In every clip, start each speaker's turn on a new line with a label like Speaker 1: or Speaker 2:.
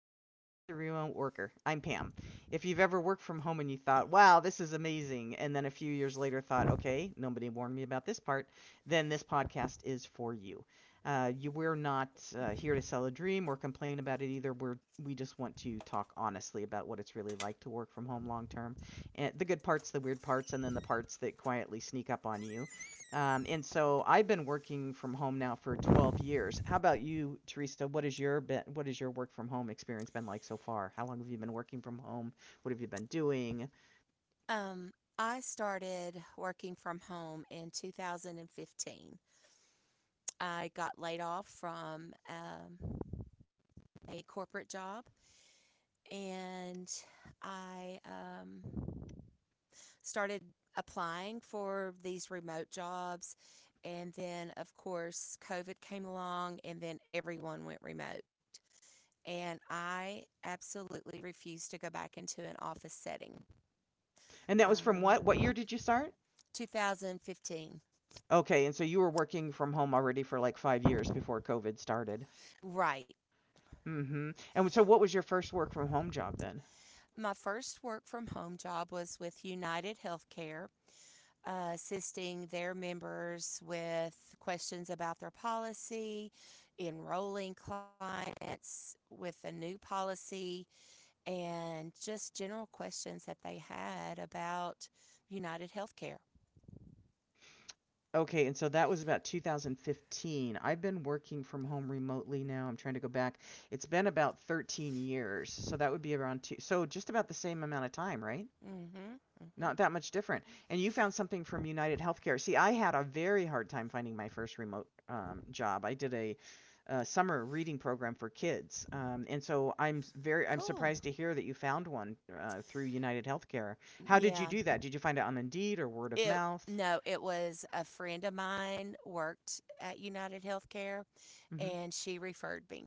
Speaker 1: to Life as a Remote Worker. I'm Pam. If you've ever worked from home and you thought, wow, this is amazing, and then a few years later thought, okay, nobody warned me about this part, then this podcast is for you. We're not here to sell a dream or complain about it either. We just want to talk honestly about what it's really like to work from home long term, and the good parts, the weird parts, and then the parts that quietly sneak up on you. And so I've been working from home now for 12 years. How about you, Teresa? What is your work from home experience been like so far? How long have you been working from home? What have you been doing?
Speaker 2: Um, I started working from home in 2015. I got laid off from a corporate job, and I started applying for these remote jobs. And then, of course, COVID came along and then everyone went remote. And I absolutely refused to go back into an office setting.
Speaker 1: And that was from what
Speaker 2: Um,
Speaker 1: year did you start?
Speaker 2: 2015.
Speaker 1: Okay, and so you were working from home already for like 5 years before COVID started.
Speaker 2: Right.
Speaker 1: Mhm. And so what was your first work from home job then?
Speaker 2: My first work from home job was with United Healthcare, assisting their members with questions about their policy, enrolling clients with a new policy, and just general questions that they had about United Healthcare.
Speaker 1: Okay, and so that was about 2015. I've been working from home remotely now. I'm trying to go back. It's been about 13 years. So that would be around two, so just about the same amount of time, right?
Speaker 2: Mm-hmm. Mm-hmm.
Speaker 1: Not that much different. And you found something from United Healthcare. See, I had a very hard time finding my first remote job. I did a summer reading program for kids, and so I'm s- very I'm
Speaker 2: Cool.
Speaker 1: surprised to hear that you found one through United Healthcare. How did you
Speaker 2: Yeah.
Speaker 1: do that? Did you find it on Indeed or word of
Speaker 2: It
Speaker 1: mouth?
Speaker 2: No, it was a friend of mine worked at United Healthcare
Speaker 1: hmm
Speaker 2: and she referred me.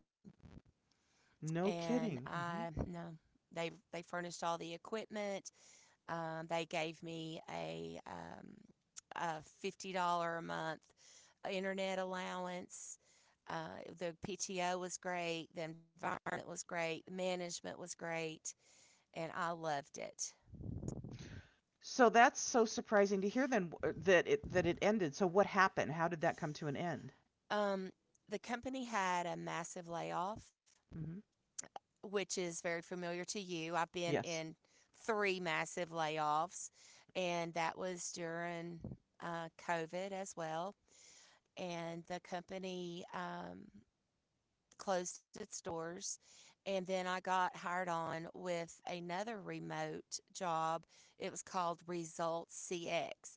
Speaker 1: No
Speaker 2: And
Speaker 1: kidding.
Speaker 2: I
Speaker 1: Mm-hmm.
Speaker 2: no, They furnished all the equipment. They gave me a $50 a month internet allowance. The PTO was great. The environment was great. Management was great, and I loved it.
Speaker 1: So that's so surprising to hear then that it ended. So what happened? How did that come to an end?
Speaker 2: Um, the company had a massive layoff,
Speaker 1: hmm
Speaker 2: which is very familiar to you. I've been
Speaker 1: Yes.
Speaker 2: in three massive layoffs, and that was during COVID as well. And the company closed its doors. And then I got hired on with another remote job. It was called Results CX,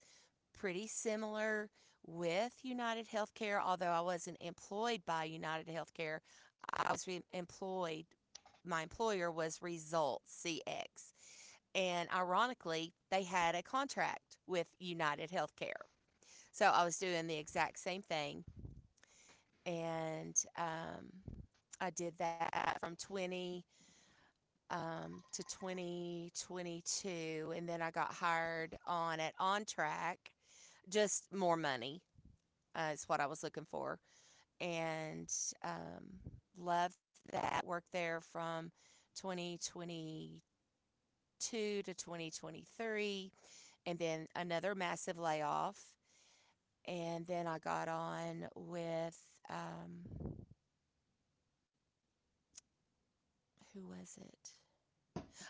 Speaker 2: pretty similar with United Healthcare, although I wasn't employed by United Healthcare. I was employed, my employer was Result CX. And ironically, they had a contract with United Healthcare. So I was doing the exact same thing. And I did that from 20 um, to 2022. And then I got hired on at OnTrack, just more money is what I was looking for. And um, loved that. Worked there from 2022 to 2023, and then another massive layoff. And then I got on with, um, who was it?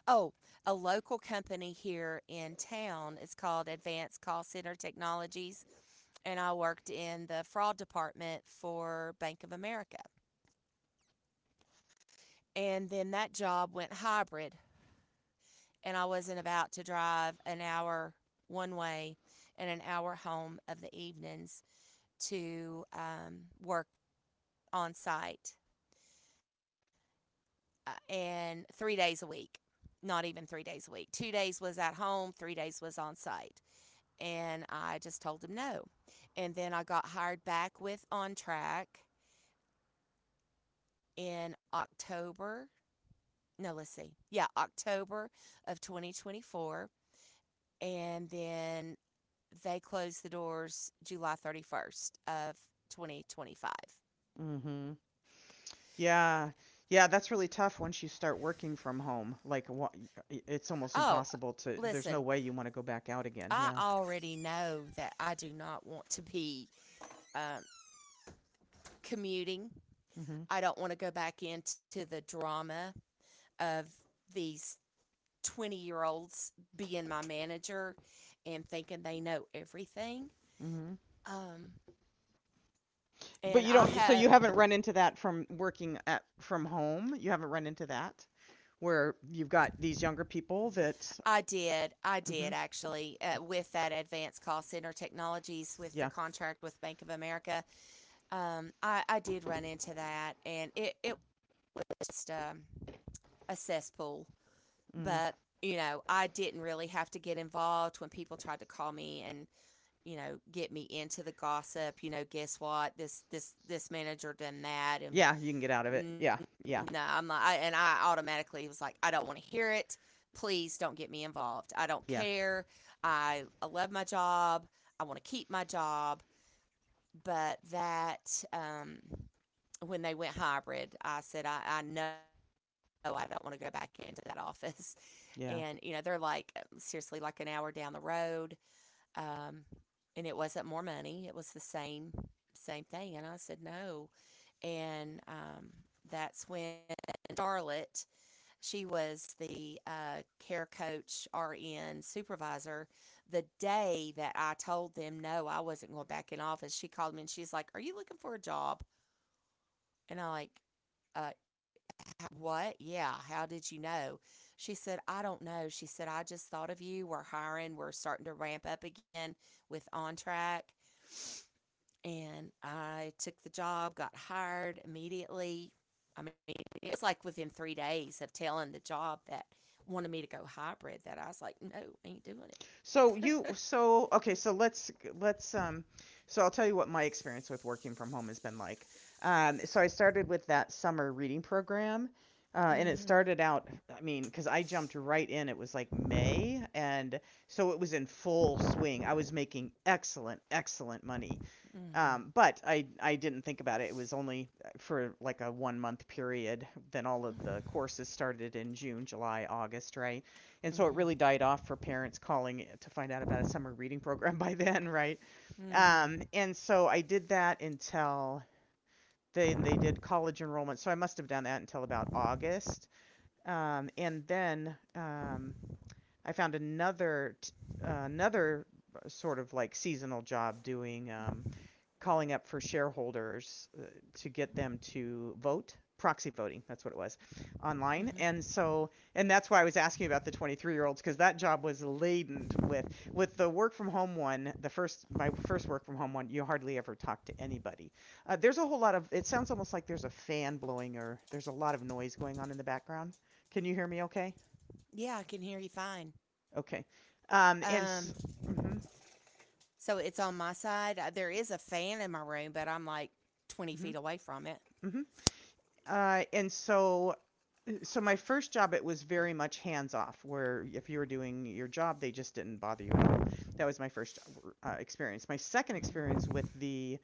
Speaker 2: Oh, a local company here in town. It's called Advanced Call Center Technologies. And I worked in the fraud department for Bank of America. And then that job went hybrid. And I wasn't about to drive an hour one way and an hour home of the evenings to work on site, and 3 days a week. Not even 3 days a week. 2 days was at home, 3 days was on site. And I just told him no. And then I got hired back with On Track in October. No, let's see. Yeah, October of 2024. And then they closed the doors July 31st of 2025.
Speaker 1: Mhm. Yeah. Yeah, that's really tough once you start working from home. It's almost
Speaker 2: Oh,
Speaker 1: impossible to there's no
Speaker 2: listen,
Speaker 1: way you want to go back out again.
Speaker 2: I
Speaker 1: Yeah.
Speaker 2: already know that I do not want to be um, commuting.
Speaker 1: Mhm.
Speaker 2: I don't want to go back into the drama of these 20-year-olds being my manager and thinking they know everything. Um,
Speaker 1: But
Speaker 2: and
Speaker 1: you don't so you haven't run into that from working at from home? You haven't run into that where you've got these younger people that
Speaker 2: I did
Speaker 1: Mhm.
Speaker 2: actually, with that Advanced Call Center Technologies with the
Speaker 1: Yeah.
Speaker 2: contract with Bank of America. I did run into that, and it was just a cesspool. But,
Speaker 1: Mm.
Speaker 2: I didn't really have to get involved when people tried to call me and, get me into the gossip. You know, guess what? This manager done that, and
Speaker 1: Yeah, you can get out of it.
Speaker 2: mm,
Speaker 1: Yeah. Yeah.
Speaker 2: no, I'm like, and I automatically was like, I don't want to hear it. Please don't get me involved. I don't
Speaker 1: Yeah.
Speaker 2: care. I love my job. I want to keep my job, but that when they went hybrid, I said, I know I don't want to go back into that office. And, they're
Speaker 1: Yeah.
Speaker 2: like seriously like an hour down the road. Um, and it wasn't more money, it was the same thing. And I said, no. And that's when Charlotte, she was the care coach, RN supervisor. The day that I told them, no, I wasn't going back in office, she called me and she's like, "Are you looking for a job?" And I'm like, uh, what? Yeah. How did you know? She said, "I don't know." She said, "I just thought of you. We're hiring. We're starting to ramp up again with On Track." And I took the job, got hired immediately. I mean, it was like within 3 days of telling the job that wanted me to go hybrid that I was like, no, I ain't doing it.
Speaker 1: So okay, so let's so I'll tell you what my experience with working from home has been like. So I started with that summer reading program. And it
Speaker 2: Mm-hmm.
Speaker 1: started out, I mean, because I jumped right in. It was like May. And so it was in full swing. I was making excellent, excellent money.
Speaker 2: Mm-hmm.
Speaker 1: But I didn't think about it. It was only for like a 1 month period. Then all of the courses started in June, July, August, right? And so it
Speaker 2: Mm-hmm.
Speaker 1: really died off for parents calling to find out about a summer reading program by then, right?
Speaker 2: Mm-hmm.
Speaker 1: And so I did that until then they did college enrollment. So I must have done that until about August. And then I found another sort of like seasonal job doing calling up for shareholders to get them to vote, proxy voting, that's what it was, online.
Speaker 2: Mm-hmm.
Speaker 1: And so, and that's why I was asking about the 23-year olds, because that job was laden with the work from home one, the first, my first work from home one, you hardly ever talk to anybody. There's a whole lot of, it sounds almost like there's a fan blowing or there's a lot of noise going on in the background. Can you hear me okay?
Speaker 2: Yeah, I can hear you fine.
Speaker 1: Okay. Um and
Speaker 2: Um,
Speaker 1: mm mhm
Speaker 2: So it's on my side. There is a fan in my room, but I'm like 20
Speaker 1: mhm
Speaker 2: feet away from it.
Speaker 1: mhm and so so my first job, it was very much hands off, where if you were doing your job they just didn't bother you at all. That was my first experience. My second experience with the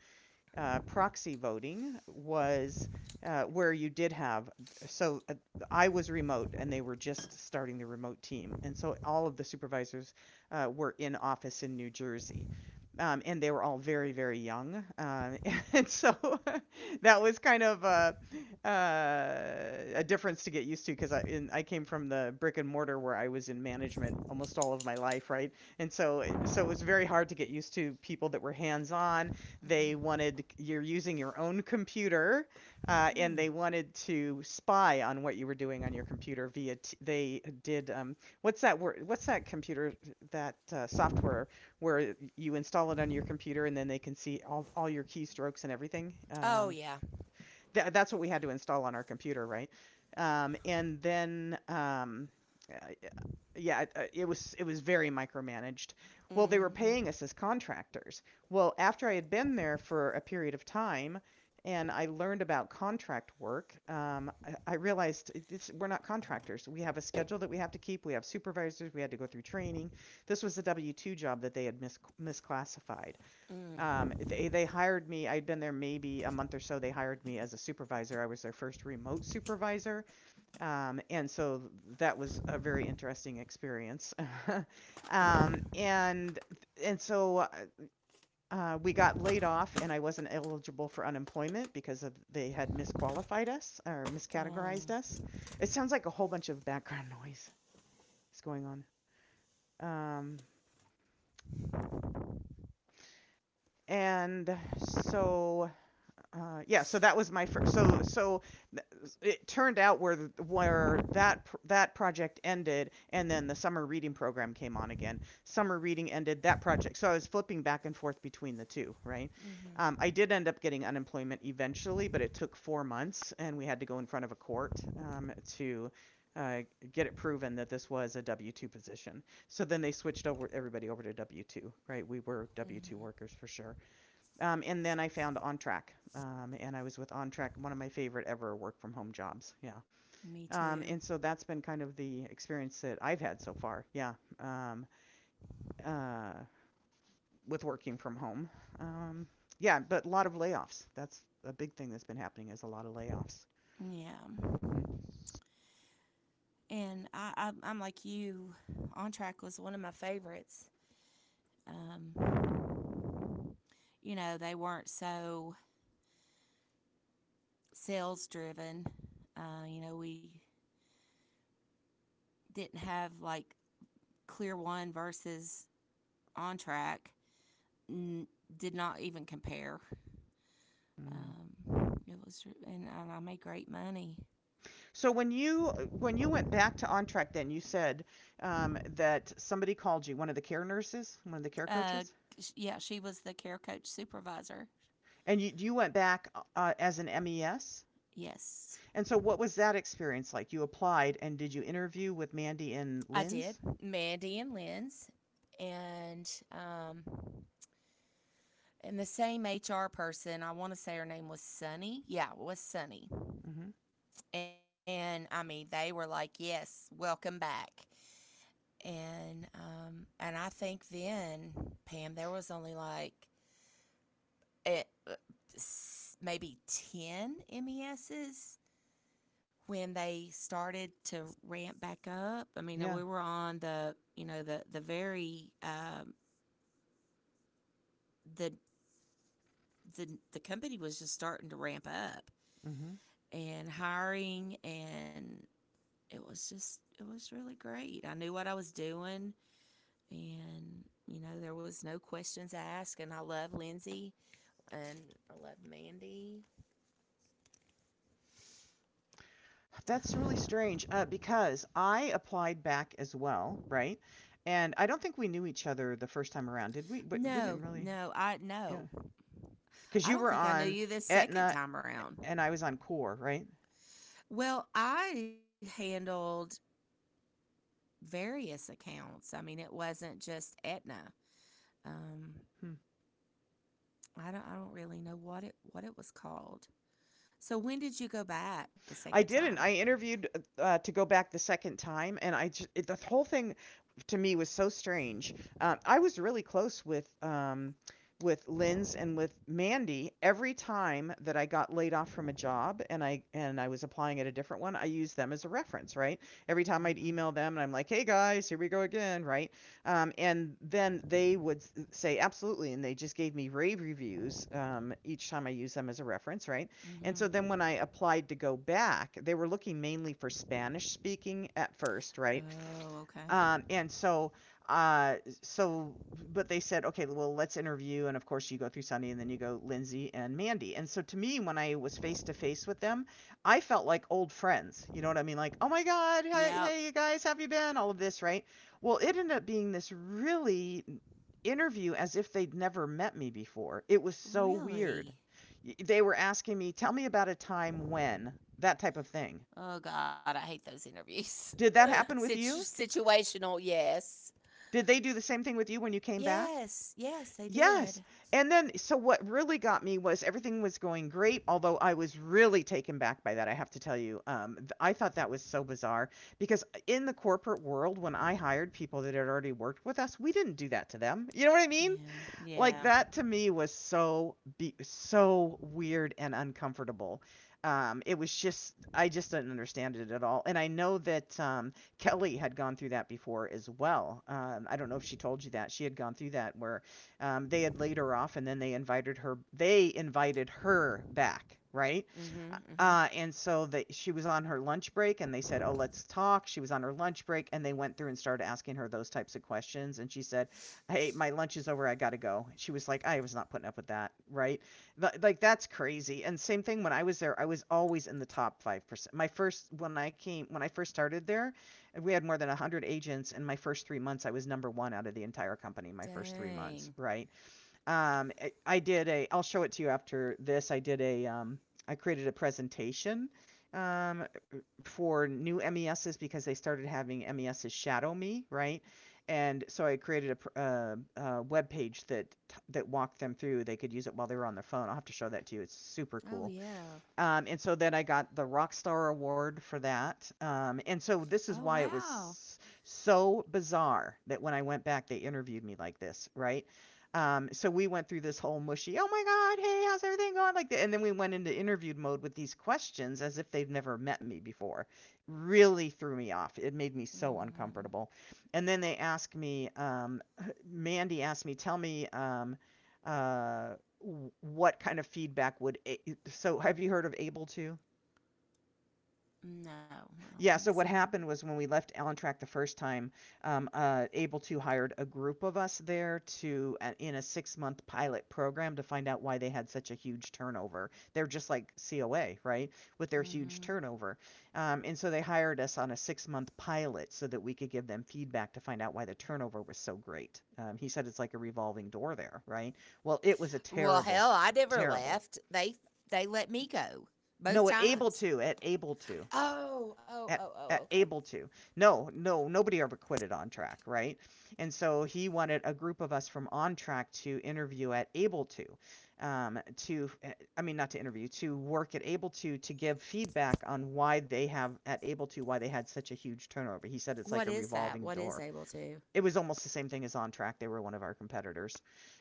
Speaker 1: proxy voting was where you did have, so I was remote and they were just starting the remote team. And so all of the supervisors were in office in New Jersey. And they were all very, very young. And so that was kind of a difference to get used to, because I came from the brick and mortar where I was in management almost all of my life, right? And so, so it was very hard to get used to people that were hands on. They wanted, you're using your own computer, and
Speaker 2: Mm.
Speaker 1: they wanted to spy on what you were doing on your computer via. They did what's that word? What's that computer that software where you install it on your computer and then they can see all your keystrokes and everything?
Speaker 2: Oh, yeah.
Speaker 1: Th- that's what we had to install on our computer, right? Um, and then, um, uh, yeah, it- was it was very micromanaged. Well, they were paying
Speaker 2: Mm-hmm.
Speaker 1: us as contractors. Well, after I had been there for a period of time, and I learned about contract work, I realized it's, we're not contractors. We have a schedule that we have to keep. We have supervisors. We had to go through training. This was a W two job that they had misclassified.
Speaker 2: Mm.
Speaker 1: They hired me. I'd been there maybe a month or so. They hired me as a supervisor. I was their first remote supervisor, and so that was a very interesting experience. um, and and so We got laid off, and I wasn't eligible for unemployment because of, they had misqualified us or
Speaker 2: Oh.
Speaker 1: miscategorized us. It sounds like a whole bunch of background noise is going on. Um, and so Yeah, so that was my first. So so it turned out where that that project ended, and then the summer reading program came on again. Summer reading ended that project, so I was flipping back and forth between the two. Right, I did end up getting unemployment eventually, but it took 4 months, and we had to go in front of a court to uh, get it proven that this was a W two position. So then they switched over everybody over to W two. Right, we were W two workers for sure. And then I found On Track, and I was with On Track, one of my favorite ever work from home jobs. Yeah.
Speaker 2: Me too.
Speaker 1: And so that's been kind of the experience that I've had so far. Yeah. Uh, with working from home. Um, yeah, but a lot of layoffs. That's a big thing that's been happening is a lot of layoffs.
Speaker 2: Yeah. And I'm like you. On Track was one of my favorites. Um, they weren't so sales driven. We didn't have like Clear One versus On Track. N- did not even compare.
Speaker 1: Mm-hmm.
Speaker 2: Um, it was, and I made great money.
Speaker 1: So when you went back to On Track, then you said that somebody called you, one of the care nurses, one of the care
Speaker 2: Uh,
Speaker 1: coaches,
Speaker 2: yeah, she was the care coach supervisor.
Speaker 1: and you went back as an MES.
Speaker 2: Yes,
Speaker 1: And so, what was that experience like? You applied, and did you interview with Mandy
Speaker 2: I
Speaker 1: and
Speaker 2: did.
Speaker 1: Lynn's?
Speaker 2: Mandy and Lynn's, and um, and the same HR person. I want to say her name was Sunny. Yeah, it was Sunny.
Speaker 1: hmm
Speaker 2: And I mean, they were like, "Yes, welcome back." And I think then Pam, there was only it, maybe 10 MESs when they started to ramp back up. I mean, we
Speaker 1: Yeah.
Speaker 2: were on the, the very, the the company was just starting to ramp up
Speaker 1: hmm
Speaker 2: and hiring, and it was really great. I knew what I was doing, and there was no questions asked, and I love Lindsay and I love Mandy.
Speaker 1: That's really strange because I applied back as well, right? And I don't think we knew each other the first time around, did we? But we didn't
Speaker 2: No,
Speaker 1: really,
Speaker 2: no, I
Speaker 1: yeah.
Speaker 2: no.
Speaker 1: Because
Speaker 2: I
Speaker 1: you
Speaker 2: don't
Speaker 1: were
Speaker 2: think I knew
Speaker 1: on
Speaker 2: you this second
Speaker 1: Etna
Speaker 2: time around.
Speaker 1: and I was on Core, right?
Speaker 2: Well, I handled various accounts. I mean, it wasn't just Etna. Um,
Speaker 1: Hmm.
Speaker 2: I don't really know what it was called. So when did you go back the second
Speaker 1: I
Speaker 2: time?
Speaker 1: didn't. I interviewed to go back the second time, and I just it, the whole thing to me was so strange. I was really close with Lynn's and with Mandy. Every time that I got laid off from a job and I was applying at a different one, I used them as a reference, right? Every time I'd
Speaker 2: Mm-hmm.
Speaker 1: email them, and I'm like, "Hey guys, here we go again," right? And then they would say, "Absolutely," and they just gave me rave reviews each time I used them as a reference, right? And so then when
Speaker 2: Mm-hmm.
Speaker 1: I applied to go back, they were looking mainly for Spanish speaking at first, right?
Speaker 2: Oh, okay.
Speaker 1: Um, and so, uh, so, but they said, okay, well, let's interview. And of course, you go through Sunny and then you go Lindsay and Mandy. And so to me, when I was face to face with them, I felt like old friends. You know what I mean? Like, oh my God,
Speaker 2: Yep.
Speaker 1: hey, hey, you guys, how have you been? All of this, right? Well, it ended up being this really interview as if they'd never met me before. It was so weird.
Speaker 2: Really?
Speaker 1: They were asking me, tell me about a time when, that type of thing.
Speaker 2: Oh God, I hate those interviews.
Speaker 1: Did that happen with
Speaker 2: Situ-
Speaker 1: you?
Speaker 2: Situational, yes.
Speaker 1: Did they do the same thing with you when you came back?
Speaker 2: Yes, yes, they
Speaker 1: Yes.
Speaker 2: did.
Speaker 1: And then, so what really got me was everything was going great, although I was really taken back by that. I have to tell you, I thought that was so bizarre because in the corporate world, when I hired people that had already worked with us, we didn't do that to them. You know what I mean?
Speaker 2: Yeah,
Speaker 1: Like
Speaker 2: yeah.
Speaker 1: that to me was so weird and uncomfortable. It was just I just didn't understand it at all. And I know that Kelly had gone through that before as well. I don't know if she told you that she had gone through that where they had laid her off and then they invited her back, right?
Speaker 2: Mm-hmm. Mm-hmm.
Speaker 1: And so they, she was on her lunch break and they said, oh, let's talk. She was on her lunch break and they went through and started asking her those types of questions. And she said, hey, my lunch is over. I got to go. She was like, I was not putting up with that. Right. But, like, that's crazy. And same thing when I was there, I was always in the top 5%. When I came, when I first started there, we had more than 100 agents. And my first 3 months, I was number one out of the entire company, my first 3 months.
Speaker 2: Dang.
Speaker 1: Right. I did a. I'll show it to you after this. I did a. I created a presentation um, for new MESs because they started having MESs shadow me, right? And so I created a, web page that walked them through. They could use it while they were on their phone. I'll have to show that to you. It's super
Speaker 2: Oh
Speaker 1: cool.
Speaker 2: yeah.
Speaker 1: And so then I got the Rockstar Award for that. And so
Speaker 2: Oh
Speaker 1: this is why it
Speaker 2: wow.
Speaker 1: was so bizarre that when I went back, they interviewed me like this, right? So we went through this whole mushy, oh my God, hey, how's everything going? Like that. And then we went into interview mode with these questions as if they've never met me before. Really threw me off. It made me so
Speaker 2: Mm-hmm.
Speaker 1: uncomfortable. And then they asked me, Mandy asked me, uh, what kind of feedback so, have you heard of Able To?
Speaker 2: No, I don't
Speaker 1: Yeah,
Speaker 2: think
Speaker 1: so
Speaker 2: so.
Speaker 1: what happened was when we left On Track the first time, Able To hired a group of us there to in a 6 month pilot program to find out why they had such a huge turnover. They're just like COA, right? With their huge
Speaker 2: Mm-hmm.
Speaker 1: turnover. Um, and so they hired us on a 6 month pilot so that we could give them feedback to find out why the turnover was so great. Um, he said it's like a revolving door there, right? Well, it was a
Speaker 2: Well,
Speaker 1: terrible
Speaker 2: hell, I never
Speaker 1: terrible
Speaker 2: left. They let me go
Speaker 1: no,
Speaker 2: both
Speaker 1: at Able
Speaker 2: times.
Speaker 1: To, at Able To,
Speaker 2: Oh, oh,
Speaker 1: at
Speaker 2: oh, oh.
Speaker 1: at
Speaker 2: Okay.
Speaker 1: Able To. No, no, nobody ever quitted On Track, right? And so he wanted a group of us from On Track to interview at Able To, um, to, eh, I mean, not to interview, to work at Able To give feedback on why they have at Able To, why they had such a huge turnover. He said it's like a
Speaker 2: What is
Speaker 1: revolving
Speaker 2: that? What
Speaker 1: door.
Speaker 2: is able to?
Speaker 1: It was almost the same thing as On Track. They were one of our competitors,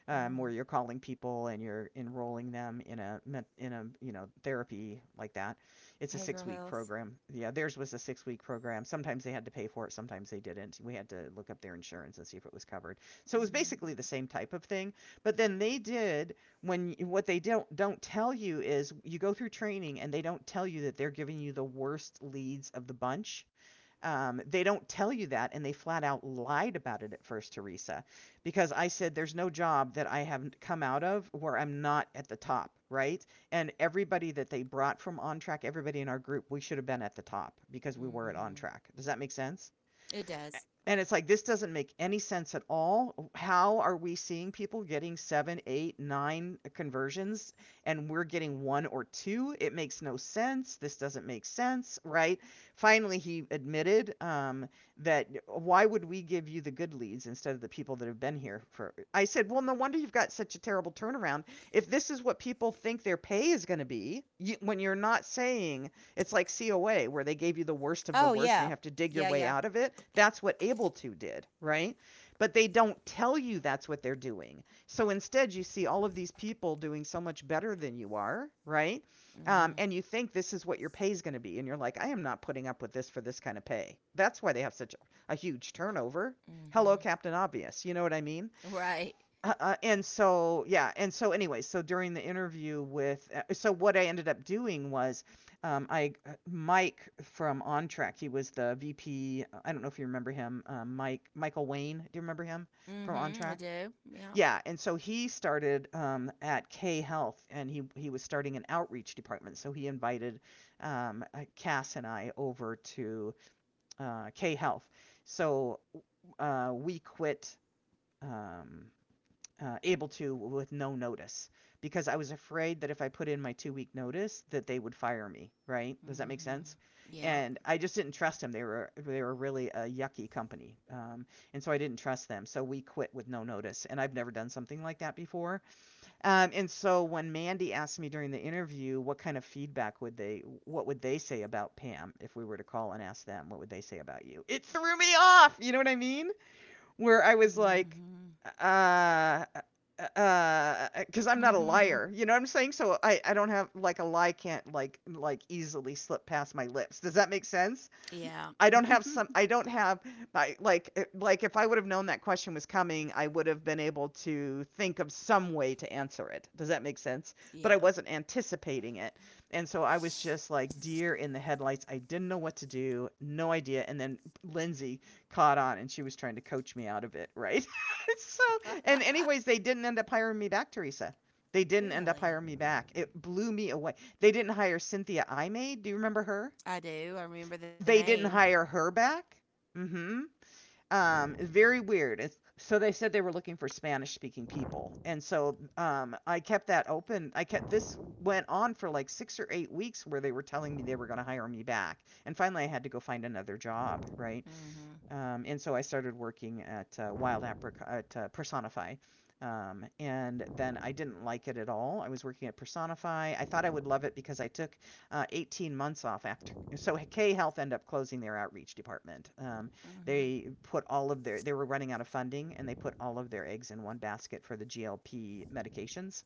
Speaker 1: where
Speaker 2: Oh,
Speaker 1: you're calling people and you're enrolling them in a you know therapy like that. It's a six
Speaker 2: behavioral
Speaker 1: week
Speaker 2: health.
Speaker 1: program. Yeah, theirs was a 6 week program. Sometimes they had to pay for it, sometimes they didn't. We had to look up their insurance and see if it was covered. So it was basically the
Speaker 2: Mm-hmm.
Speaker 1: same type of thing. But then they did, when what they don't tell you is you go through training and they don't tell you that they're giving you the worst leads of the bunch. Um, they don't tell you that, and they flat out lied about it at first, Teresa, because I said there's no job that I haven't come out of where I'm not at the top, right? And everybody that they brought from On Track, everybody in our group, we should have been at the top because we were at On
Speaker 2: Mm-hmm.
Speaker 1: Track. Does that make sense?
Speaker 2: It does.
Speaker 1: And it's like, this doesn't make any sense at all. How are we seeing people getting seven, eight, nine conversions and we're getting one or two? It makes no sense. This doesn't make sense, right? Finally, he admitted, that why would we give you the good leads instead of the people that have been here for? I said, well, no wonder you've got such a terrible turnaround. If this is what people think their pay is going to be, you, when you're not saying, it's like COA, where they gave you the worst of the
Speaker 2: Oh
Speaker 1: worst and you
Speaker 2: yeah,
Speaker 1: have to dig your
Speaker 2: yeah,
Speaker 1: way
Speaker 2: yeah.
Speaker 1: out of it. That's what Able2 did, right? But they don't tell you that's what they're doing. So instead, you see all of these people doing so much better than you are, right?
Speaker 2: Mm-hmm.
Speaker 1: And you think this is what your pay is going to be. And you're like, I am not putting up with this for this kind of pay. That's why they have such a huge turnover. Hello,
Speaker 2: Mm-hmm.
Speaker 1: Captain Obvious. You know what I mean?
Speaker 2: Right.
Speaker 1: And so, yeah, and so anyway, so during the interview with, so what I ended up doing was, I Mike from On Track, he was the VP. I don't know if you remember him, Mike Michael Wayne. Do you remember him from On
Speaker 2: Mm-hmm. I
Speaker 1: Track?
Speaker 2: do. Yeah.
Speaker 1: Yeah, and so he started at K Health, and he was starting an outreach department. So he invited Cass and I over to K Health. So we quit. Um, Able To, with no notice, because I was afraid that if I put in my 2 week notice that they would fire me. Right? Does that make
Speaker 2: Mm-hmm.
Speaker 1: sense?
Speaker 2: Yeah.
Speaker 1: And I just didn't trust them. They were really a yucky company, and so I didn't trust them. So we quit with no notice, and I've never done something like that before. And so when Mandy asked me during the interview what kind of feedback would they, what would they say about Pam if we were to call and ask them what would they say about you, it threw me off. You know what I mean? Where I was like,
Speaker 2: Mm-hmm.
Speaker 1: uh, because I'm not a
Speaker 2: Mm-hmm.
Speaker 1: liar. You know what I'm saying? So I don't have like a lie can't like easily slip past my lips. Does that make sense?
Speaker 2: Yeah.
Speaker 1: I don't have, I, like if I would have known that question was coming, I would have been able to think of some way to answer it. Does that make sense? But I
Speaker 2: Yeah.
Speaker 1: wasn't anticipating it. And so I was just like deer in the headlights. I didn't know what to do, no idea. And then Lindsay caught on and she was trying to coach me out of it, right? So and anyways, they didn't end up hiring me back, Teresa. They didn't end up hiring
Speaker 2: Really?
Speaker 1: me back. It blew me away. They didn't hire Cynthia I made. Do you remember her?
Speaker 2: I do. I remember the
Speaker 1: They didn't
Speaker 2: name.
Speaker 1: hire her back? Hmm. Very weird. It's, so they said they were looking for Spanish speaking people. And so I kept that open. I kept this went on for like 6 or 8 weeks where they were telling me they were going to hire me back. And finally I had to go find another job, right?
Speaker 2: Mhm.
Speaker 1: And so I started working at Wild Apricot, at Personify. And then I didn't like it at all. I was working at Personify. I thought I would love it because I took 18 months off after. So K Health ended up closing their outreach department.
Speaker 2: Mhm.
Speaker 1: They put all of their, they were running out of funding and they put all of their eggs in one basket for the GLP medications.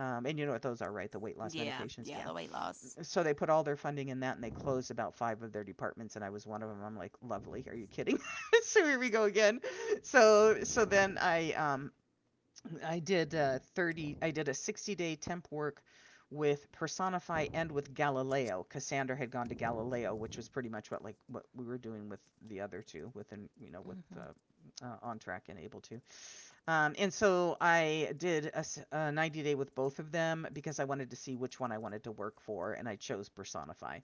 Speaker 1: And you know what those are, right? The weight loss
Speaker 2: Yeah.
Speaker 1: medications. Yeah,
Speaker 2: Yeah, the weight loss.
Speaker 1: so they put all their funding in that and they closed about five of their departments and I was one of them. I'm like, lovely. Are you kidding? So here we go again. So so then I did a 60-day temp work with Personify and with Galileo. Cassandra had gone to Galileo, which was pretty much what like what we were doing with the other two within you know with
Speaker 2: Mhm.
Speaker 1: On Track and Able To. And so I did a 90-day with both of them because I wanted to see which one I wanted to work for, and I chose Personify.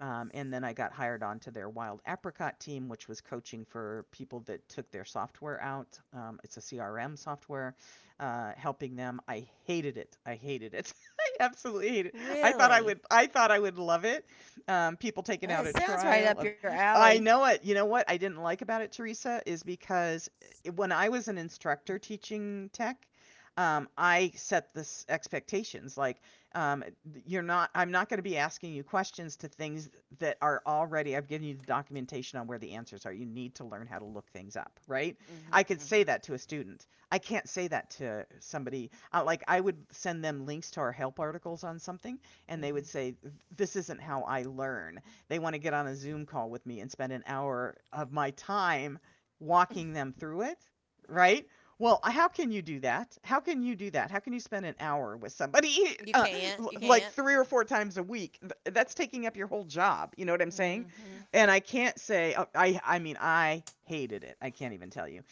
Speaker 1: And then I got hired onto their Wild Apricot team, which was coaching for people that took their software out. It's a CRM software, helping them. I hated it. I hated it. I absolutely hated it. I thought I
Speaker 2: Really?
Speaker 1: would. I thought I would love it. People taking out a
Speaker 2: That sounds right
Speaker 1: trial
Speaker 2: up
Speaker 1: of.
Speaker 2: your
Speaker 1: I
Speaker 2: alley.
Speaker 1: know it. You know what I didn't like about it, Teresa, is because when I was an instructor teaching tech, I set this expectations like um, you're not. I'm not going to be asking you questions to things that are already. I've given you the documentation on where the answers are. You need to learn how to look things up, right? I
Speaker 2: Mhm.
Speaker 1: could say
Speaker 2: Mhm.
Speaker 1: that to a student. I can't say that to somebody. Like I would send them links to our help articles on something, and they would
Speaker 2: Mhm.
Speaker 1: say, "This isn't how I learn." They want to get on a Zoom call with me and spend an hour of my time walking them through it right? Well, how can you do that? How can you do that? How can you spend an hour with somebody
Speaker 2: You can't. You
Speaker 1: like
Speaker 2: can't.
Speaker 1: three or four times a week? That's taking up your whole job. You know what I'm saying?
Speaker 2: Mhm.
Speaker 1: And I can't say I mean I hated it. I can't even tell you.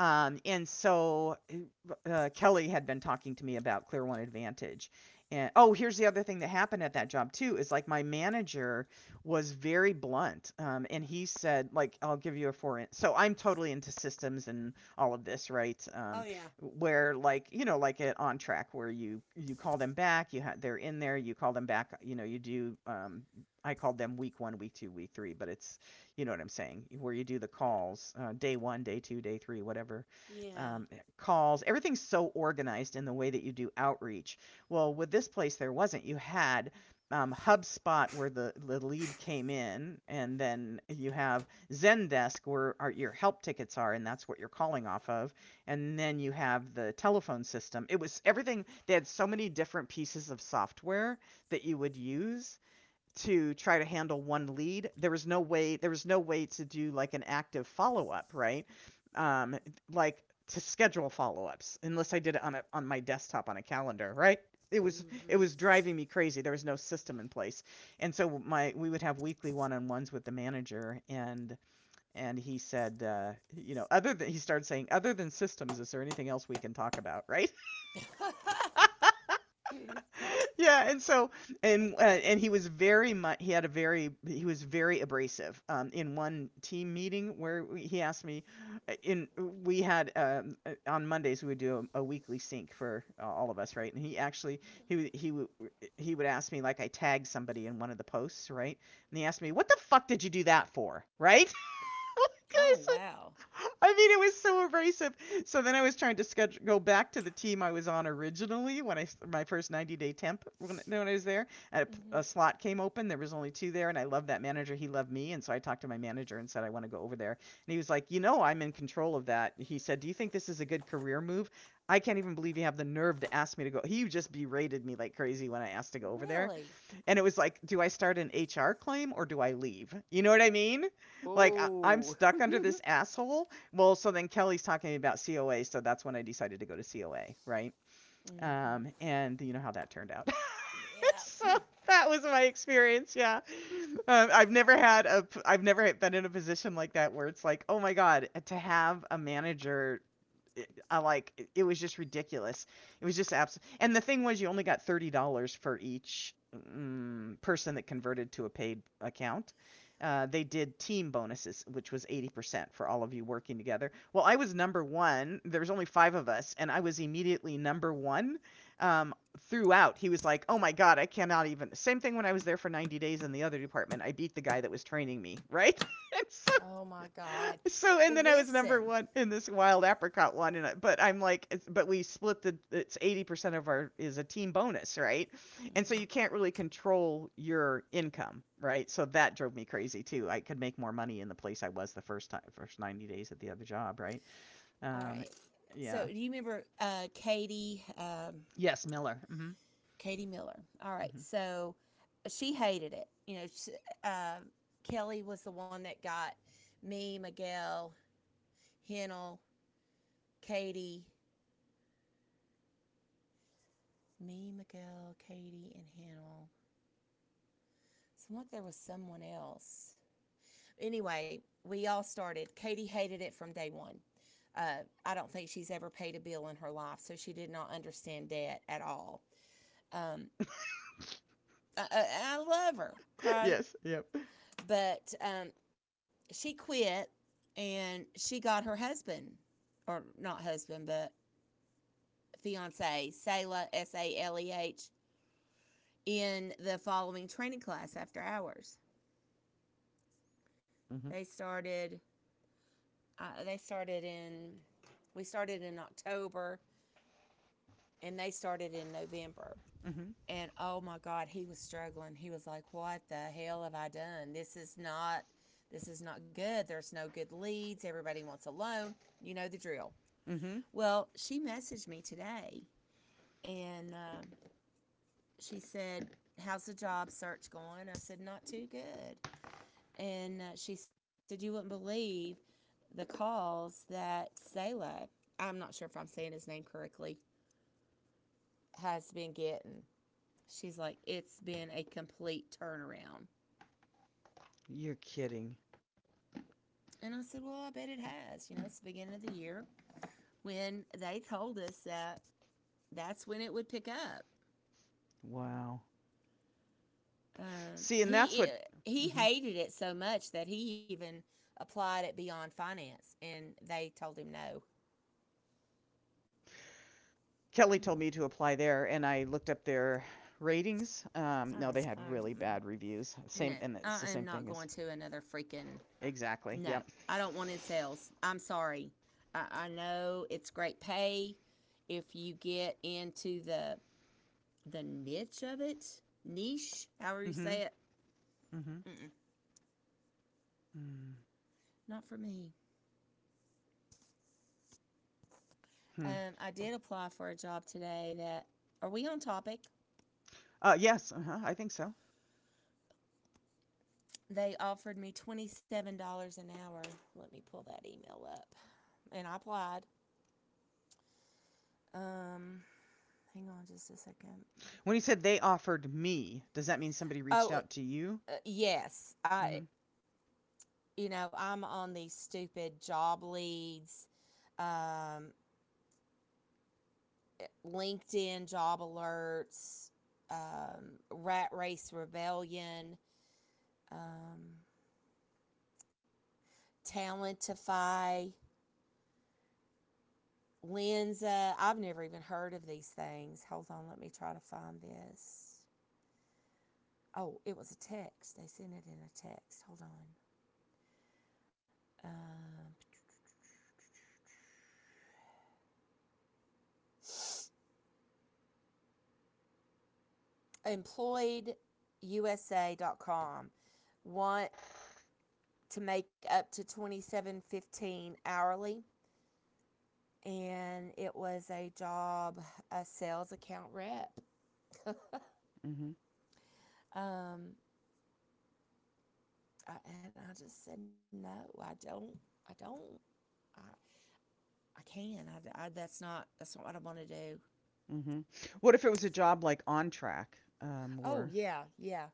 Speaker 1: And so Kelly had been talking to me about Clear One Advantage. And oh, here's the other thing that happened at that job too is like my manager was very blunt. And he said, like, I'll give you a four inch. So I'm totally into systems and all of this, right?
Speaker 2: Oh yeah.
Speaker 1: Where like, you know, like at on track where you call them back, they're in there, you call them back, you know, you do, I called them week one, week two, week three, but it's you know what I'm saying, where you do the
Speaker 2: Yeah.
Speaker 1: calls, day one, day two, day three, whatever,
Speaker 2: Yeah.
Speaker 1: calls. Everything's so organized in the way that you do outreach. Well, with this place, there wasn't. You had HubSpot where the lead came in, and then you have Zendesk where your help tickets are, and that's what you're calling off of. And then you have the telephone system. It was everything. They had so many different pieces of software that you would use to try to handle one lead. There was no way to do like an active follow up, right? Um, like to schedule follow ups unless I did it on a on my desktop on a calendar, right? It was
Speaker 2: Mhm.
Speaker 1: driving me crazy. There was no system in place, and so my we would have weekly one on ones with the manager, and he said, you know, other than he started saying, other than systems, is there anything else we can talk about, right? Yeah, and so and he was very much he was very abrasive. In one team meeting where we, he asked me, in we had on Mondays we would do a weekly sync for all of us, right? And he actually he would- he would he would ask me like I tagged somebody in one of the posts, right? And he asked me, "What the fuck did you do that for?" Right?
Speaker 2: Oh
Speaker 1: Like,
Speaker 2: wow.
Speaker 1: I mean, it was so abrasive. So then I was trying to schedule go back to the team I was on originally when I my first 90-day temp when I was there. A, a
Speaker 2: Mhm.
Speaker 1: slot came open. There was only two there, and I loved that manager. He loved me, and so I talked to my manager and said I want to go over there. And he was like, you know, I'm in control of that. He said, do you think this is a good career move? I can't even believe you have the nerve to ask me to go. He just berated me like crazy when I asked to go over there.
Speaker 2: Really?
Speaker 1: And it was like, do I start an HR claim or do I leave? You know what I mean? Like, I'm
Speaker 2: Oh.
Speaker 1: stuck under this asshole. Well, so then Kelly's talking about COA. So that's when I decided to go to COA, right?
Speaker 2: Mhm.
Speaker 1: And you know how that turned out. So
Speaker 2: Yeah.
Speaker 1: that was my experience. Yeah. I've never had I've never been in a position like that where it's like, oh my God, to have a manager I like it was just ridiculous. It was just abs. And the thing was, you only got $30 for each person that converted to a paid account. They did team bonuses, which was 80% for all of you working together. Well, I was number one. There was only five of us, and I was immediately number one um, throughout. He was like, "Oh my god, I cannot even." Same thing when I was there for 90 days in the other department. I beat the guy that was training me, right? and so
Speaker 2: Oh my God.
Speaker 1: so
Speaker 2: Well,
Speaker 1: and then I was
Speaker 2: listen.
Speaker 1: number one in this wild apricot one, and I'm like, but we split the it's 80% of our is a team bonus, right? And so you can't really control your income, right? So that drove me crazy too. I could make more money in the place I was the first time, first 90 days at the other job, right?
Speaker 2: All right.
Speaker 1: Um,
Speaker 2: So do
Speaker 1: yeah,
Speaker 2: you remember Katie
Speaker 1: yes, Miller. Hmm.
Speaker 2: Miller? All right.
Speaker 1: Hmm.
Speaker 2: So she hated it. You know, uh, Kelly was the one that got me, Miguel, Hennel, Katie, me, Miguel, Katie, and Hennel. Seemed like there was someone else. Anyway, we all started. Katie hated it from day one. I don't think she's ever paid a bill in her life, so she did not understand debt at all. Um, I love her, okay?
Speaker 1: Yes, yep.
Speaker 2: But she quit and she got her husband, or not husband, but fiance, Saleh, S A L E H, in the following training class after hours.
Speaker 1: Hmm.
Speaker 2: They started. They started in. We started in October, and they started in November.
Speaker 1: Hmm.
Speaker 2: And oh my God, he was struggling. He was like, "What the hell have I done? This is not good. There's no good leads. Everybody wants a loan. You know the drill."
Speaker 1: Hmm.
Speaker 2: Well, she messaged me today and she said, "How's the job search going?" I said, "Not too good." And she said, "You wouldn't believe the calls that Selah," I'm not sure if I'm saying his name correctly, "has been getting." She's like, "It's been a complete turnaround."
Speaker 1: You're kidding.
Speaker 2: And I said, "Well, I bet it has. You know, it's the beginning of the year when they told us that that's when it would pick up."
Speaker 1: Wow.
Speaker 2: Um,
Speaker 1: See, and that's
Speaker 2: he
Speaker 1: what.
Speaker 2: he
Speaker 1: Hmm.
Speaker 2: hated it so much that he even applied at Beyond Finance, and they told him no.
Speaker 1: Kelly told me to apply there, and I looked up their ratings. No,
Speaker 2: Oh,
Speaker 1: they had really
Speaker 2: um,
Speaker 1: bad reviews. Same,
Speaker 2: no,
Speaker 1: and it's the
Speaker 2: I
Speaker 1: same
Speaker 2: am
Speaker 1: thing
Speaker 2: not
Speaker 1: as
Speaker 2: going to another freaking.
Speaker 1: exactly.
Speaker 2: No,
Speaker 1: Yep.
Speaker 2: I don't want in sales. I'm sorry. I know it's great pay if you get into the niche of it, niche, however you
Speaker 1: Mhm.
Speaker 2: say it.
Speaker 1: Mhm.
Speaker 2: Mm-mm.
Speaker 1: Mm.
Speaker 2: Not for me.
Speaker 1: Hmm.
Speaker 2: I did apply for a job today that, are we on topic?
Speaker 1: Yes. Uh-huh, I think so.
Speaker 2: They offered me $27 an hour. Let me pull that email up. And I applied. Um, Hang on just a second.
Speaker 1: When you said they offered me, does that mean somebody reached
Speaker 2: Oh,
Speaker 1: out to you?
Speaker 2: yes.
Speaker 1: Mhm.
Speaker 2: I'm on these stupid job leads, um, LinkedIn job alerts, Rat Race Rebellion, um, Talentify. Linza, I've never even heard of these things. Hold on, let me try to find this. Oh, it was a text. They sent it in a text. Hold on. Um Employed U S A dot com. Want to make up to 27.15 hourly, and it was a job, a sales account rep.
Speaker 1: Mhm.
Speaker 2: um and I just said no. I don't I don't I, I can. That's not what I want to do.
Speaker 1: Mhm. What if it was a job like on track?
Speaker 2: Oh,
Speaker 1: Or
Speaker 2: yeah, yeah.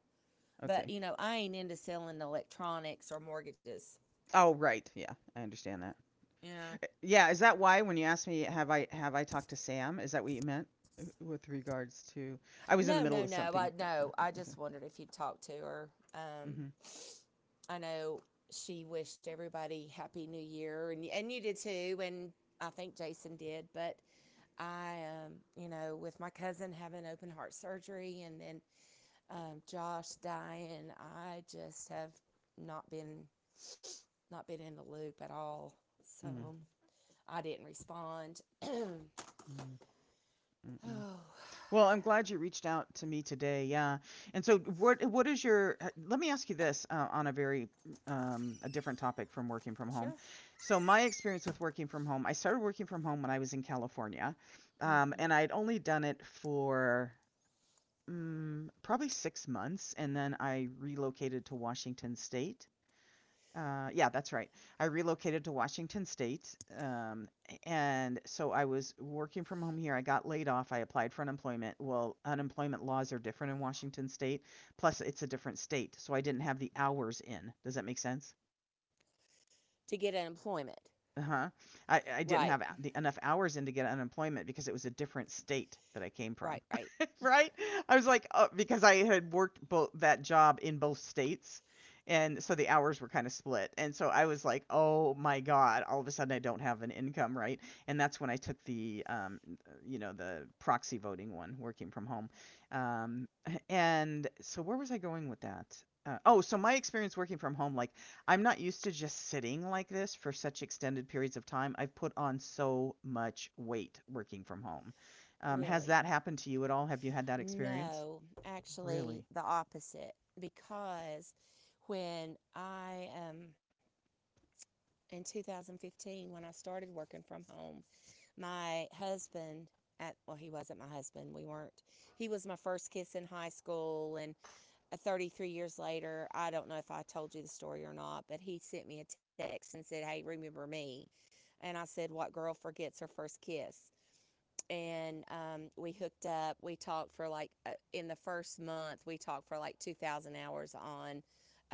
Speaker 2: But,
Speaker 1: okay.
Speaker 2: you know, I ain't into selling electronics or mortgages,
Speaker 1: Oh, right. Yeah, I understand that.
Speaker 2: you know.
Speaker 1: Yeah, is that why when you asked me have I talked to Sam, is that what you meant with regards to I was in the
Speaker 2: No,
Speaker 1: middle
Speaker 2: no,
Speaker 1: of
Speaker 2: no. I
Speaker 1: something.
Speaker 2: no, I just
Speaker 1: Okay.
Speaker 2: wondered if you'd talk to her. Um,
Speaker 1: Mhm.
Speaker 2: I know she wished everybody happy New Year, and you did too, and I think Jason did. But with my cousin having open heart surgery, and then Josh dying, I just have not been not been in the loop at all. So
Speaker 1: Mm.
Speaker 2: I didn't respond.
Speaker 1: Mm. Mm-mm.
Speaker 2: Oh,
Speaker 1: Well, I'm glad you reached out to me today. Yeah. And so what is your let me ask you this on a very a different topic from working from
Speaker 2: sure.
Speaker 1: home. So my experience with working from home, I started working from home when I was in California.
Speaker 2: Hmm.
Speaker 1: And I'd only done it for Mm, probably 6 months, and then I relocated to Washington State. Yeah, that's right. I relocated to Washington State, and so I was working from home here. I got laid off. I applied for unemployment. Well, unemployment laws are different in Washington State, plus it's a different state, so I didn't have the hours in. Does that make sense?
Speaker 2: To get unemployment.
Speaker 1: Uh-huh. I
Speaker 2: Right,
Speaker 1: didn't have enough hours in to get unemployment because it was a different state that I came from.
Speaker 2: right, right.
Speaker 1: Right? I was like, oh, because I had worked both that job in both states, and so the hours were kind of split. And so I was like, oh my god, all of a sudden I don't have an income, right? And that's when I took you know, the proxy voting one, working from home. Um, and so where was I going with that? Oh, so my experience working from home, like I'm not used to just sitting like this for such extended periods of time. I've put on so much weight working from home. Has
Speaker 2: Really.
Speaker 1: that happened to you at all? Have you had that experience?
Speaker 2: No, actually,
Speaker 1: Really?
Speaker 2: the opposite. Because when I in 2015, when I started working from home, my husband, well, he wasn't my husband. We weren't. He was my first kiss in high school, and 33 years later, I don't know if I told you the story or not, but he sent me a text and said, "Hey, remember me?" And I said, "What girl forgets her first kiss?" And we hooked up. We talked for like, In the first month, we talked for like 2,000 hours on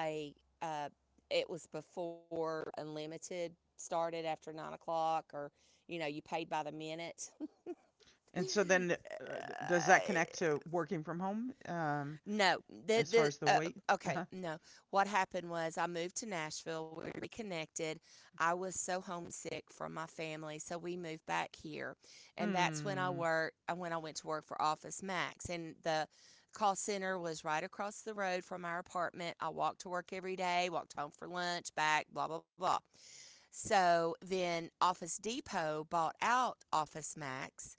Speaker 2: a, uh, it was before Unlimited started after 9 o'clock, or, you paid by the minute.
Speaker 1: And so then, does that connect
Speaker 2: uh,
Speaker 1: to working from home,
Speaker 2: No,
Speaker 1: as far
Speaker 2: the
Speaker 1: as the weight?
Speaker 2: okay,
Speaker 1: Uh-huh.
Speaker 2: no. What happened was I moved to Nashville. We reconnected. I was so homesick from my family, so we moved back here, and that's when I
Speaker 1: Hmm.
Speaker 2: work. uh, When I went to work for Office Max, and the call center was right across the road from our apartment. I walked to work every day, walked home for lunch, back, blah blah blah. So then Office Depot bought out Office Max,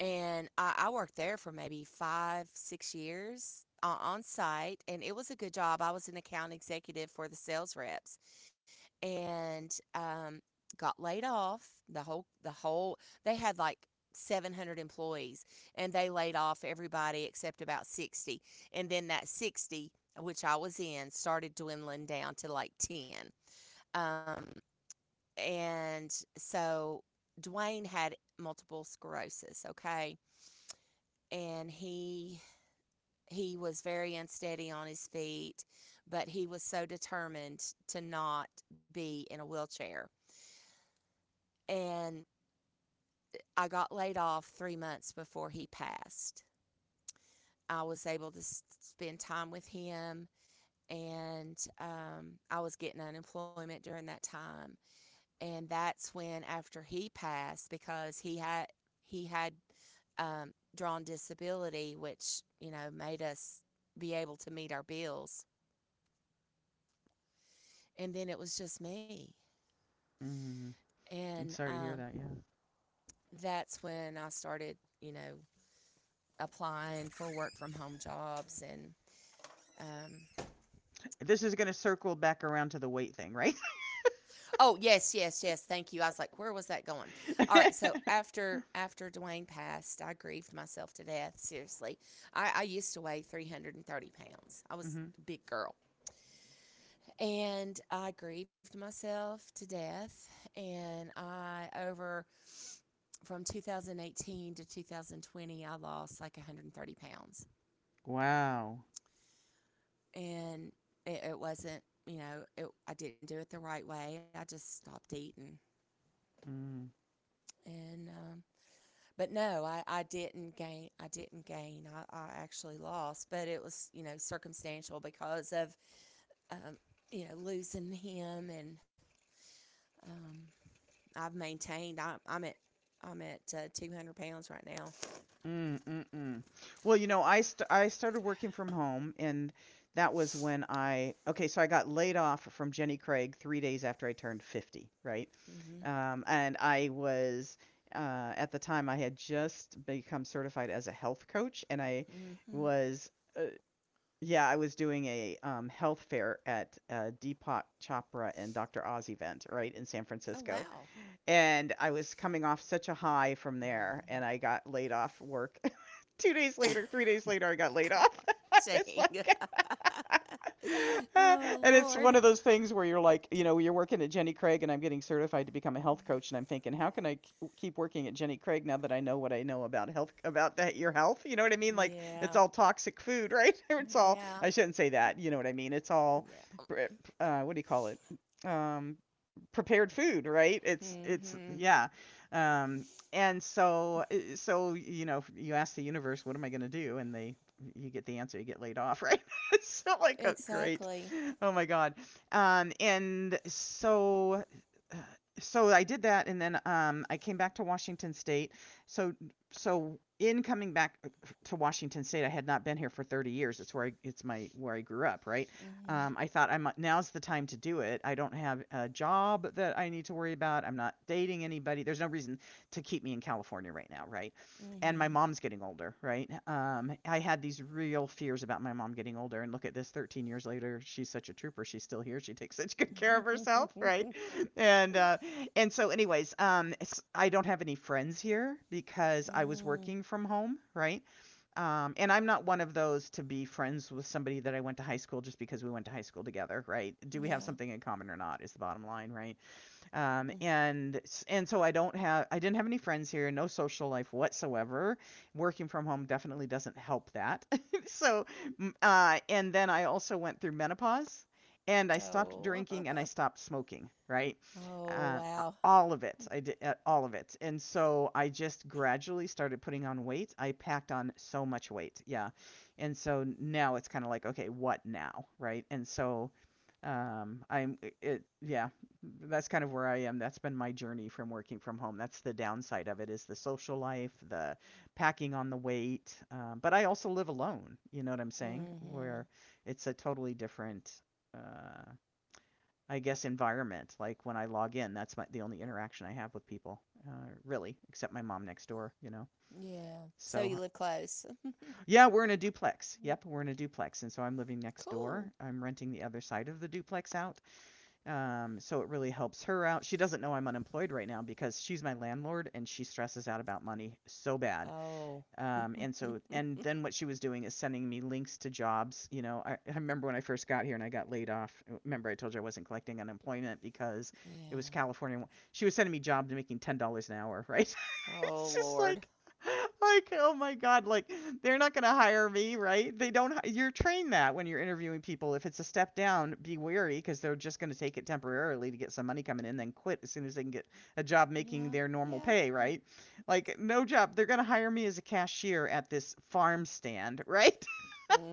Speaker 2: and I worked there for maybe 5, 6 years, on site, and it was a good job. I was an account executive for the sales reps, and got laid off. They had like 700 employees, and they laid off everybody except about 60. And then that 60, which I was in, started dwindling down to like 10. Um, and so Dwayne had multiple sclerosis, okay? And he was very unsteady on his feet, but he was so determined to not be in a wheelchair. And I got laid off 3 months before he passed. I was able to spend time with him, and I was getting unemployment during that time. And that's when, after he passed, because he had drawn disability, which made us be able to meet our bills, and then it was just me.
Speaker 1: Mm. I'm
Speaker 2: And
Speaker 1: sorry to hear
Speaker 2: um,
Speaker 1: that. Yeah.
Speaker 2: that's when I started, applying for work from home jobs and. Um,
Speaker 1: This is going to circle back around to the weight thing, right?
Speaker 2: oh, yes, yes, yes. Thank you. I was like, where was that going? All right. So after Dwayne passed, I grieved myself to death. Seriously, I used to weigh 330 pounds. I was
Speaker 1: Hmm.
Speaker 2: a big girl, and I grieved myself to death. And I over From 2018 to 2020, I lost like 130 pounds.
Speaker 1: Wow.
Speaker 2: And it wasn't, I didn't do it the right way. I just stopped eating.
Speaker 1: Mm.
Speaker 2: And, but no, I didn't gain. I didn't gain. I actually lost, but it was, circumstantial because of, um, losing him. And um, I've maintained. I'm at 200 pounds right now.
Speaker 1: Mm, mm, mm. Well, you know, I started working from home, and that was when I okay, so I got laid off from Jenny Craig 3 days after I turned 50, right?
Speaker 2: Hmm.
Speaker 1: And I was at the time I had just become certified as a health coach, and I
Speaker 2: Hmm.
Speaker 1: was uh, yeah, I was doing a health fair at Deepak Chopra and Dr. Oz event, right, in San
Speaker 2: Oh,
Speaker 1: Francisco.
Speaker 2: wow.
Speaker 1: And I was coming off such a high from there, and I got laid off work 2 days later, 3 days later, I got laid
Speaker 2: God
Speaker 1: off. I was
Speaker 2: dang.
Speaker 1: like, uh,
Speaker 2: Oh,
Speaker 1: and it's one of
Speaker 2: Lord.
Speaker 1: those things where you're like, you know, you're working at Jenny Craig, and I'm getting certified to become a health coach, and I'm thinking, how can I keep working at Jenny Craig now that I know what I know about health, about that your health? You know what I mean? Like, it's
Speaker 2: Yeah.
Speaker 1: all toxic food, right? It's all. I
Speaker 2: Yeah.
Speaker 1: shouldn't say that. You know what I mean? It's all.
Speaker 2: Yeah.
Speaker 1: What do you call it? Um, Prepared food, right? It's
Speaker 2: Mhm.
Speaker 1: yeah. Um and so so you know, you ask the universe, what am I going to do? And they you get the answer, you get laid off, right? So like, oh great.
Speaker 2: Exactly.
Speaker 1: Oh my god. And so so I did that, and then I came back to Washington State. So, so in coming back to Washington State, I had not been here for 30 years. It's where I, it's my where I grew up, right?
Speaker 2: Mhm.
Speaker 1: I thought I'm now's the time to do it. I don't have a job that I need to worry about. I'm not dating anybody. There's no reason to keep me in California right now, right? And my
Speaker 2: Mhm.
Speaker 1: mom's getting older, right? I had these real fears about my mom getting older, and look at this, 13 years later, she's such a trooper. She's still here. She takes such good care of herself, right?
Speaker 2: Mhm.
Speaker 1: And uh, and so, anyways, I don't have any friends here because I was working from home, right? And I'm not one of those to be friends with somebody that I went to high school just because we went to high school together, right? Do we have
Speaker 2: Yeah.
Speaker 1: something in common or not? Is the bottom line, right? um,
Speaker 2: Mm.
Speaker 1: and and so I didn't have any friends here, no social life whatsoever. Working from home definitely doesn't help that. So and then I also went through menopause, and I stopped
Speaker 2: Oh.
Speaker 1: drinking and I stopped smoking. Right,
Speaker 2: Oh,
Speaker 1: uh,
Speaker 2: wow.
Speaker 1: all of it. I did all of it, and so I just gradually started putting on weight. I packed on so much weight, yeah, and so now it's kind of like okay, what now, right? And so I'm it yeah that's kind of where I am. That's been my journey from working from home. That's the downside of it is the social life, the packing on the weight. But I also live alone. You know what I'm saying? Where
Speaker 2: Mhm.
Speaker 1: it's a totally different, uh, I guess, environment. Like when I log in, that's my, the only interaction I have with people, really, except my mom next door. You know.
Speaker 2: Yeah. So
Speaker 1: So
Speaker 2: you live close.
Speaker 1: yeah, we're in a duplex. Yep, we're in a duplex, and so I'm living next door.
Speaker 2: Cool.
Speaker 1: I'm renting the other side of the duplex out. So it really helps her out. She doesn't know I'm unemployed right now because she's my landlord and she stresses out about money so bad.
Speaker 2: Oh.
Speaker 1: And so, and then what she was doing is sending me links to jobs. You know, I remember when I first got here and I got laid off. Remember, I told you I wasn't collecting unemployment because it
Speaker 2: Yeah.
Speaker 1: was California. She was sending me jobs making $10 an hour, right?
Speaker 2: Oh,
Speaker 1: It's just
Speaker 2: Lord.
Speaker 1: like oh my god like they're not going to hire me right they don't you're trained that when you're interviewing people if it's a step down be wary because they're just going to take it temporarily to get some money coming in then quit as soon as they can get a job
Speaker 2: Yeah.
Speaker 1: making their normal
Speaker 2: Yeah.
Speaker 1: pay right like no job they're going to hire me as a cashier at this farm stand right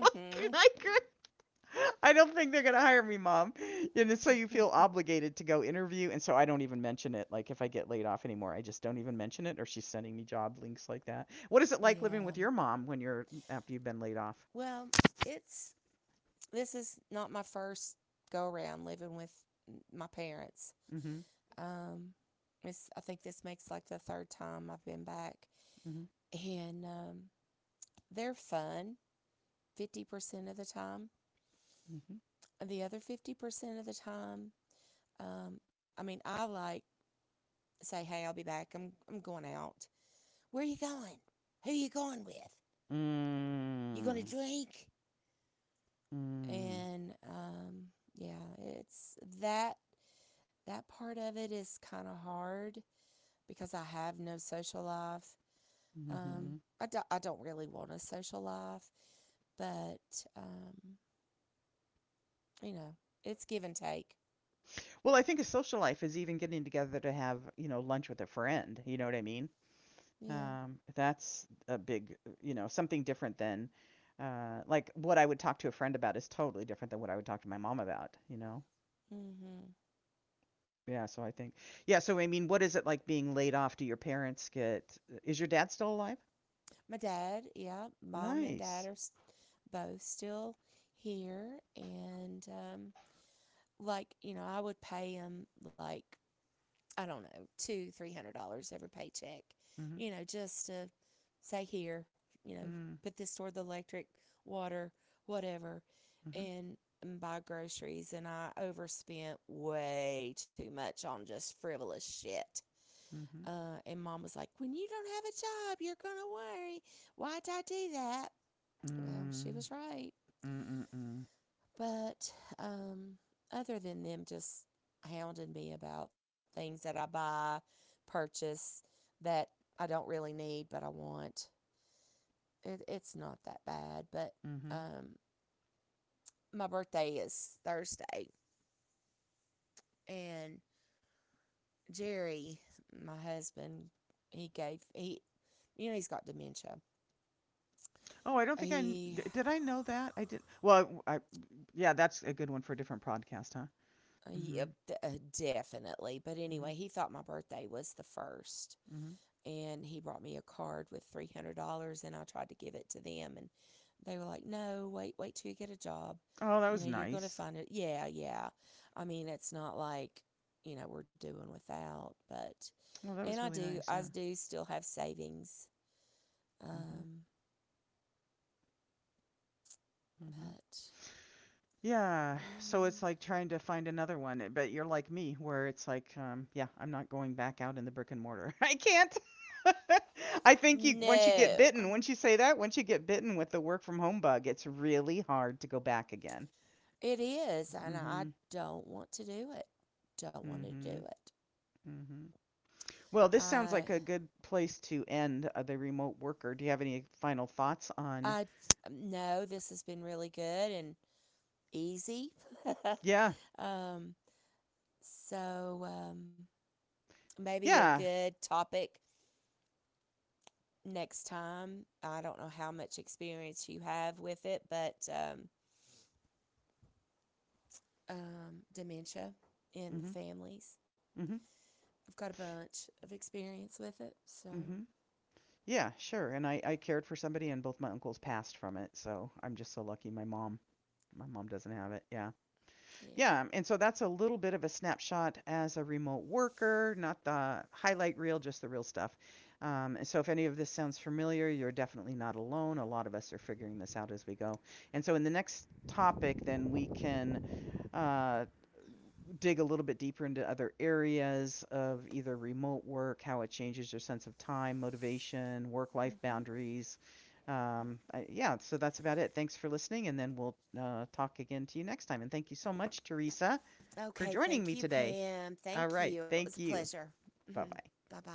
Speaker 1: like I don't think they're gonna hire me, mom. And so you feel obligated to go interview, and so I don't even mention it. Like if I get laid off anymore, I just don't even mention it, or she's sending me job links like that. What is it like living
Speaker 2: Yeah.
Speaker 1: with your mom when you're after you've been laid off?
Speaker 2: Well, it's this is not my first go around living with my parents.
Speaker 1: Mm-hmm.
Speaker 2: Um, I think this makes like the third time I've been back,
Speaker 1: Mm-hmm.
Speaker 2: and they're fun 50% of the time. The other 50% of the time, I mean, I like say, "Hey, I'll be back. I'm going out. Where are you going? Who are you going with? You going to
Speaker 1: Mm-hmm. Mm.
Speaker 2: drink?"
Speaker 1: Mm.
Speaker 2: And yeah, it's that that part of it is kind of hard because I have no social life. Um,
Speaker 1: Mm-hmm.
Speaker 2: I don't really want a social life, but, um, you know, it's give and take.
Speaker 1: Well, I think a social life is even getting together to have, you know, lunch with a friend. You know what I mean?
Speaker 2: Yeah.
Speaker 1: That's a big, you know, something different than, like what I would talk to a friend about is totally different than what I would talk to my mom about, you know?
Speaker 2: Mm-hmm.
Speaker 1: Yeah, so I think, yeah, so I mean, what is it like being laid off? Do your parents get, is your dad still alive?
Speaker 2: My dad, yeah, mom and dad
Speaker 1: Nice.
Speaker 2: are both still here, and I would pay him, like, I don't know, two, $300 every paycheck,
Speaker 1: Mm-hmm.
Speaker 2: just to say here, you know,
Speaker 1: Mm,
Speaker 2: put this toward the electric, water, whatever,
Speaker 1: mm-hmm.
Speaker 2: and, and buy groceries. And I overspent way too much on just frivolous shit.
Speaker 1: Mm-hmm.
Speaker 2: And mom was like, "When you don't have a job, you're going to worry. Why'd I do that?" Well, she
Speaker 1: Mm,
Speaker 2: was right.
Speaker 1: mm, mm,
Speaker 2: But um, other than them just hounding me about things that I buy, purchase, that I don't really need but I want, it's not that bad. But
Speaker 1: mm-hmm.
Speaker 2: um, my birthday is Thursday. And Jerry, my husband, he gave he, you know, he's got dementia.
Speaker 1: Oh, I don't think I,
Speaker 2: He.
Speaker 1: did I know that? I did. Well, yeah, that's a good one for a different podcast, huh? Mm-hmm.
Speaker 2: Yeah, uh, definitely. But
Speaker 1: Mm-hmm.
Speaker 2: anyway, he thought my birthday was the first.
Speaker 1: Mm-hmm.
Speaker 2: And he brought me a card with $300, and I tried to give it to them, and they were like, "No, wait, wait till you get a job.
Speaker 1: Oh, that
Speaker 2: You
Speaker 1: was
Speaker 2: know, you're going to
Speaker 1: nice.
Speaker 2: find it." Yeah, yeah. I mean, it's not like, we're doing without, but
Speaker 1: Well, that
Speaker 2: and
Speaker 1: was
Speaker 2: I
Speaker 1: really
Speaker 2: do
Speaker 1: nice.
Speaker 2: I
Speaker 1: Yeah.
Speaker 2: do still have savings.
Speaker 1: Hmm.
Speaker 2: Um,
Speaker 1: Hmm.
Speaker 2: but
Speaker 1: Yeah. So it's
Speaker 2: yeah.
Speaker 1: like trying to find another one, eh, but you're like me, where it's like, yeah, I'm not going back out in the brick and mortar. I can't. I think you once you get
Speaker 2: No.
Speaker 1: bitten, once you say that, once you get bitten with the work from home bug, it's really hard to go back again.
Speaker 2: It is, and I
Speaker 1: Mm-hmm.
Speaker 2: don't want to do it. Don't want to do
Speaker 1: Mm-hmm.
Speaker 2: it.
Speaker 1: Mm-hmm. Well, this sounds
Speaker 2: I
Speaker 1: like a good place to end the remote worker. Do you have any final thoughts on?
Speaker 2: I No, this has been really good and easy.
Speaker 1: Yeah.
Speaker 2: um, so, maybe a
Speaker 1: Yeah.
Speaker 2: good topic next time. I don't know how much experience you have with it, but dementia in the
Speaker 1: Mm-hmm.
Speaker 2: families.
Speaker 1: Mm-hmm.
Speaker 2: I've got a bunch of experience with it. So,
Speaker 1: Mm-hmm. Yeah, sure. And I cared for somebody, and both my uncles passed from it. So I'm just so lucky. My mom doesn't have it. Yeah,
Speaker 2: yeah.
Speaker 1: yeah. And so that's a little bit of a snapshot as a remote worker, not the highlight reel, just the real stuff. So if any of this sounds familiar, you're definitely not alone. A lot of us are figuring this out as we go. And so in the next topic, then we can uh, dig a little bit deeper into other areas of either remote work, how it changes your sense of time, motivation, work life
Speaker 2: Mhm.
Speaker 1: boundaries. Yeah, so that's about it. Thanks for listening, and then we'll talk again to you next time. And thank you so much, Teresa, for
Speaker 2: Okay.
Speaker 1: joining me
Speaker 2: Thank you,
Speaker 1: today.
Speaker 2: Pam.
Speaker 1: All
Speaker 2: Thank
Speaker 1: right.
Speaker 2: you. It was a
Speaker 1: Thank you.
Speaker 2: pleasure.
Speaker 1: Bye bye.
Speaker 2: Bye bye.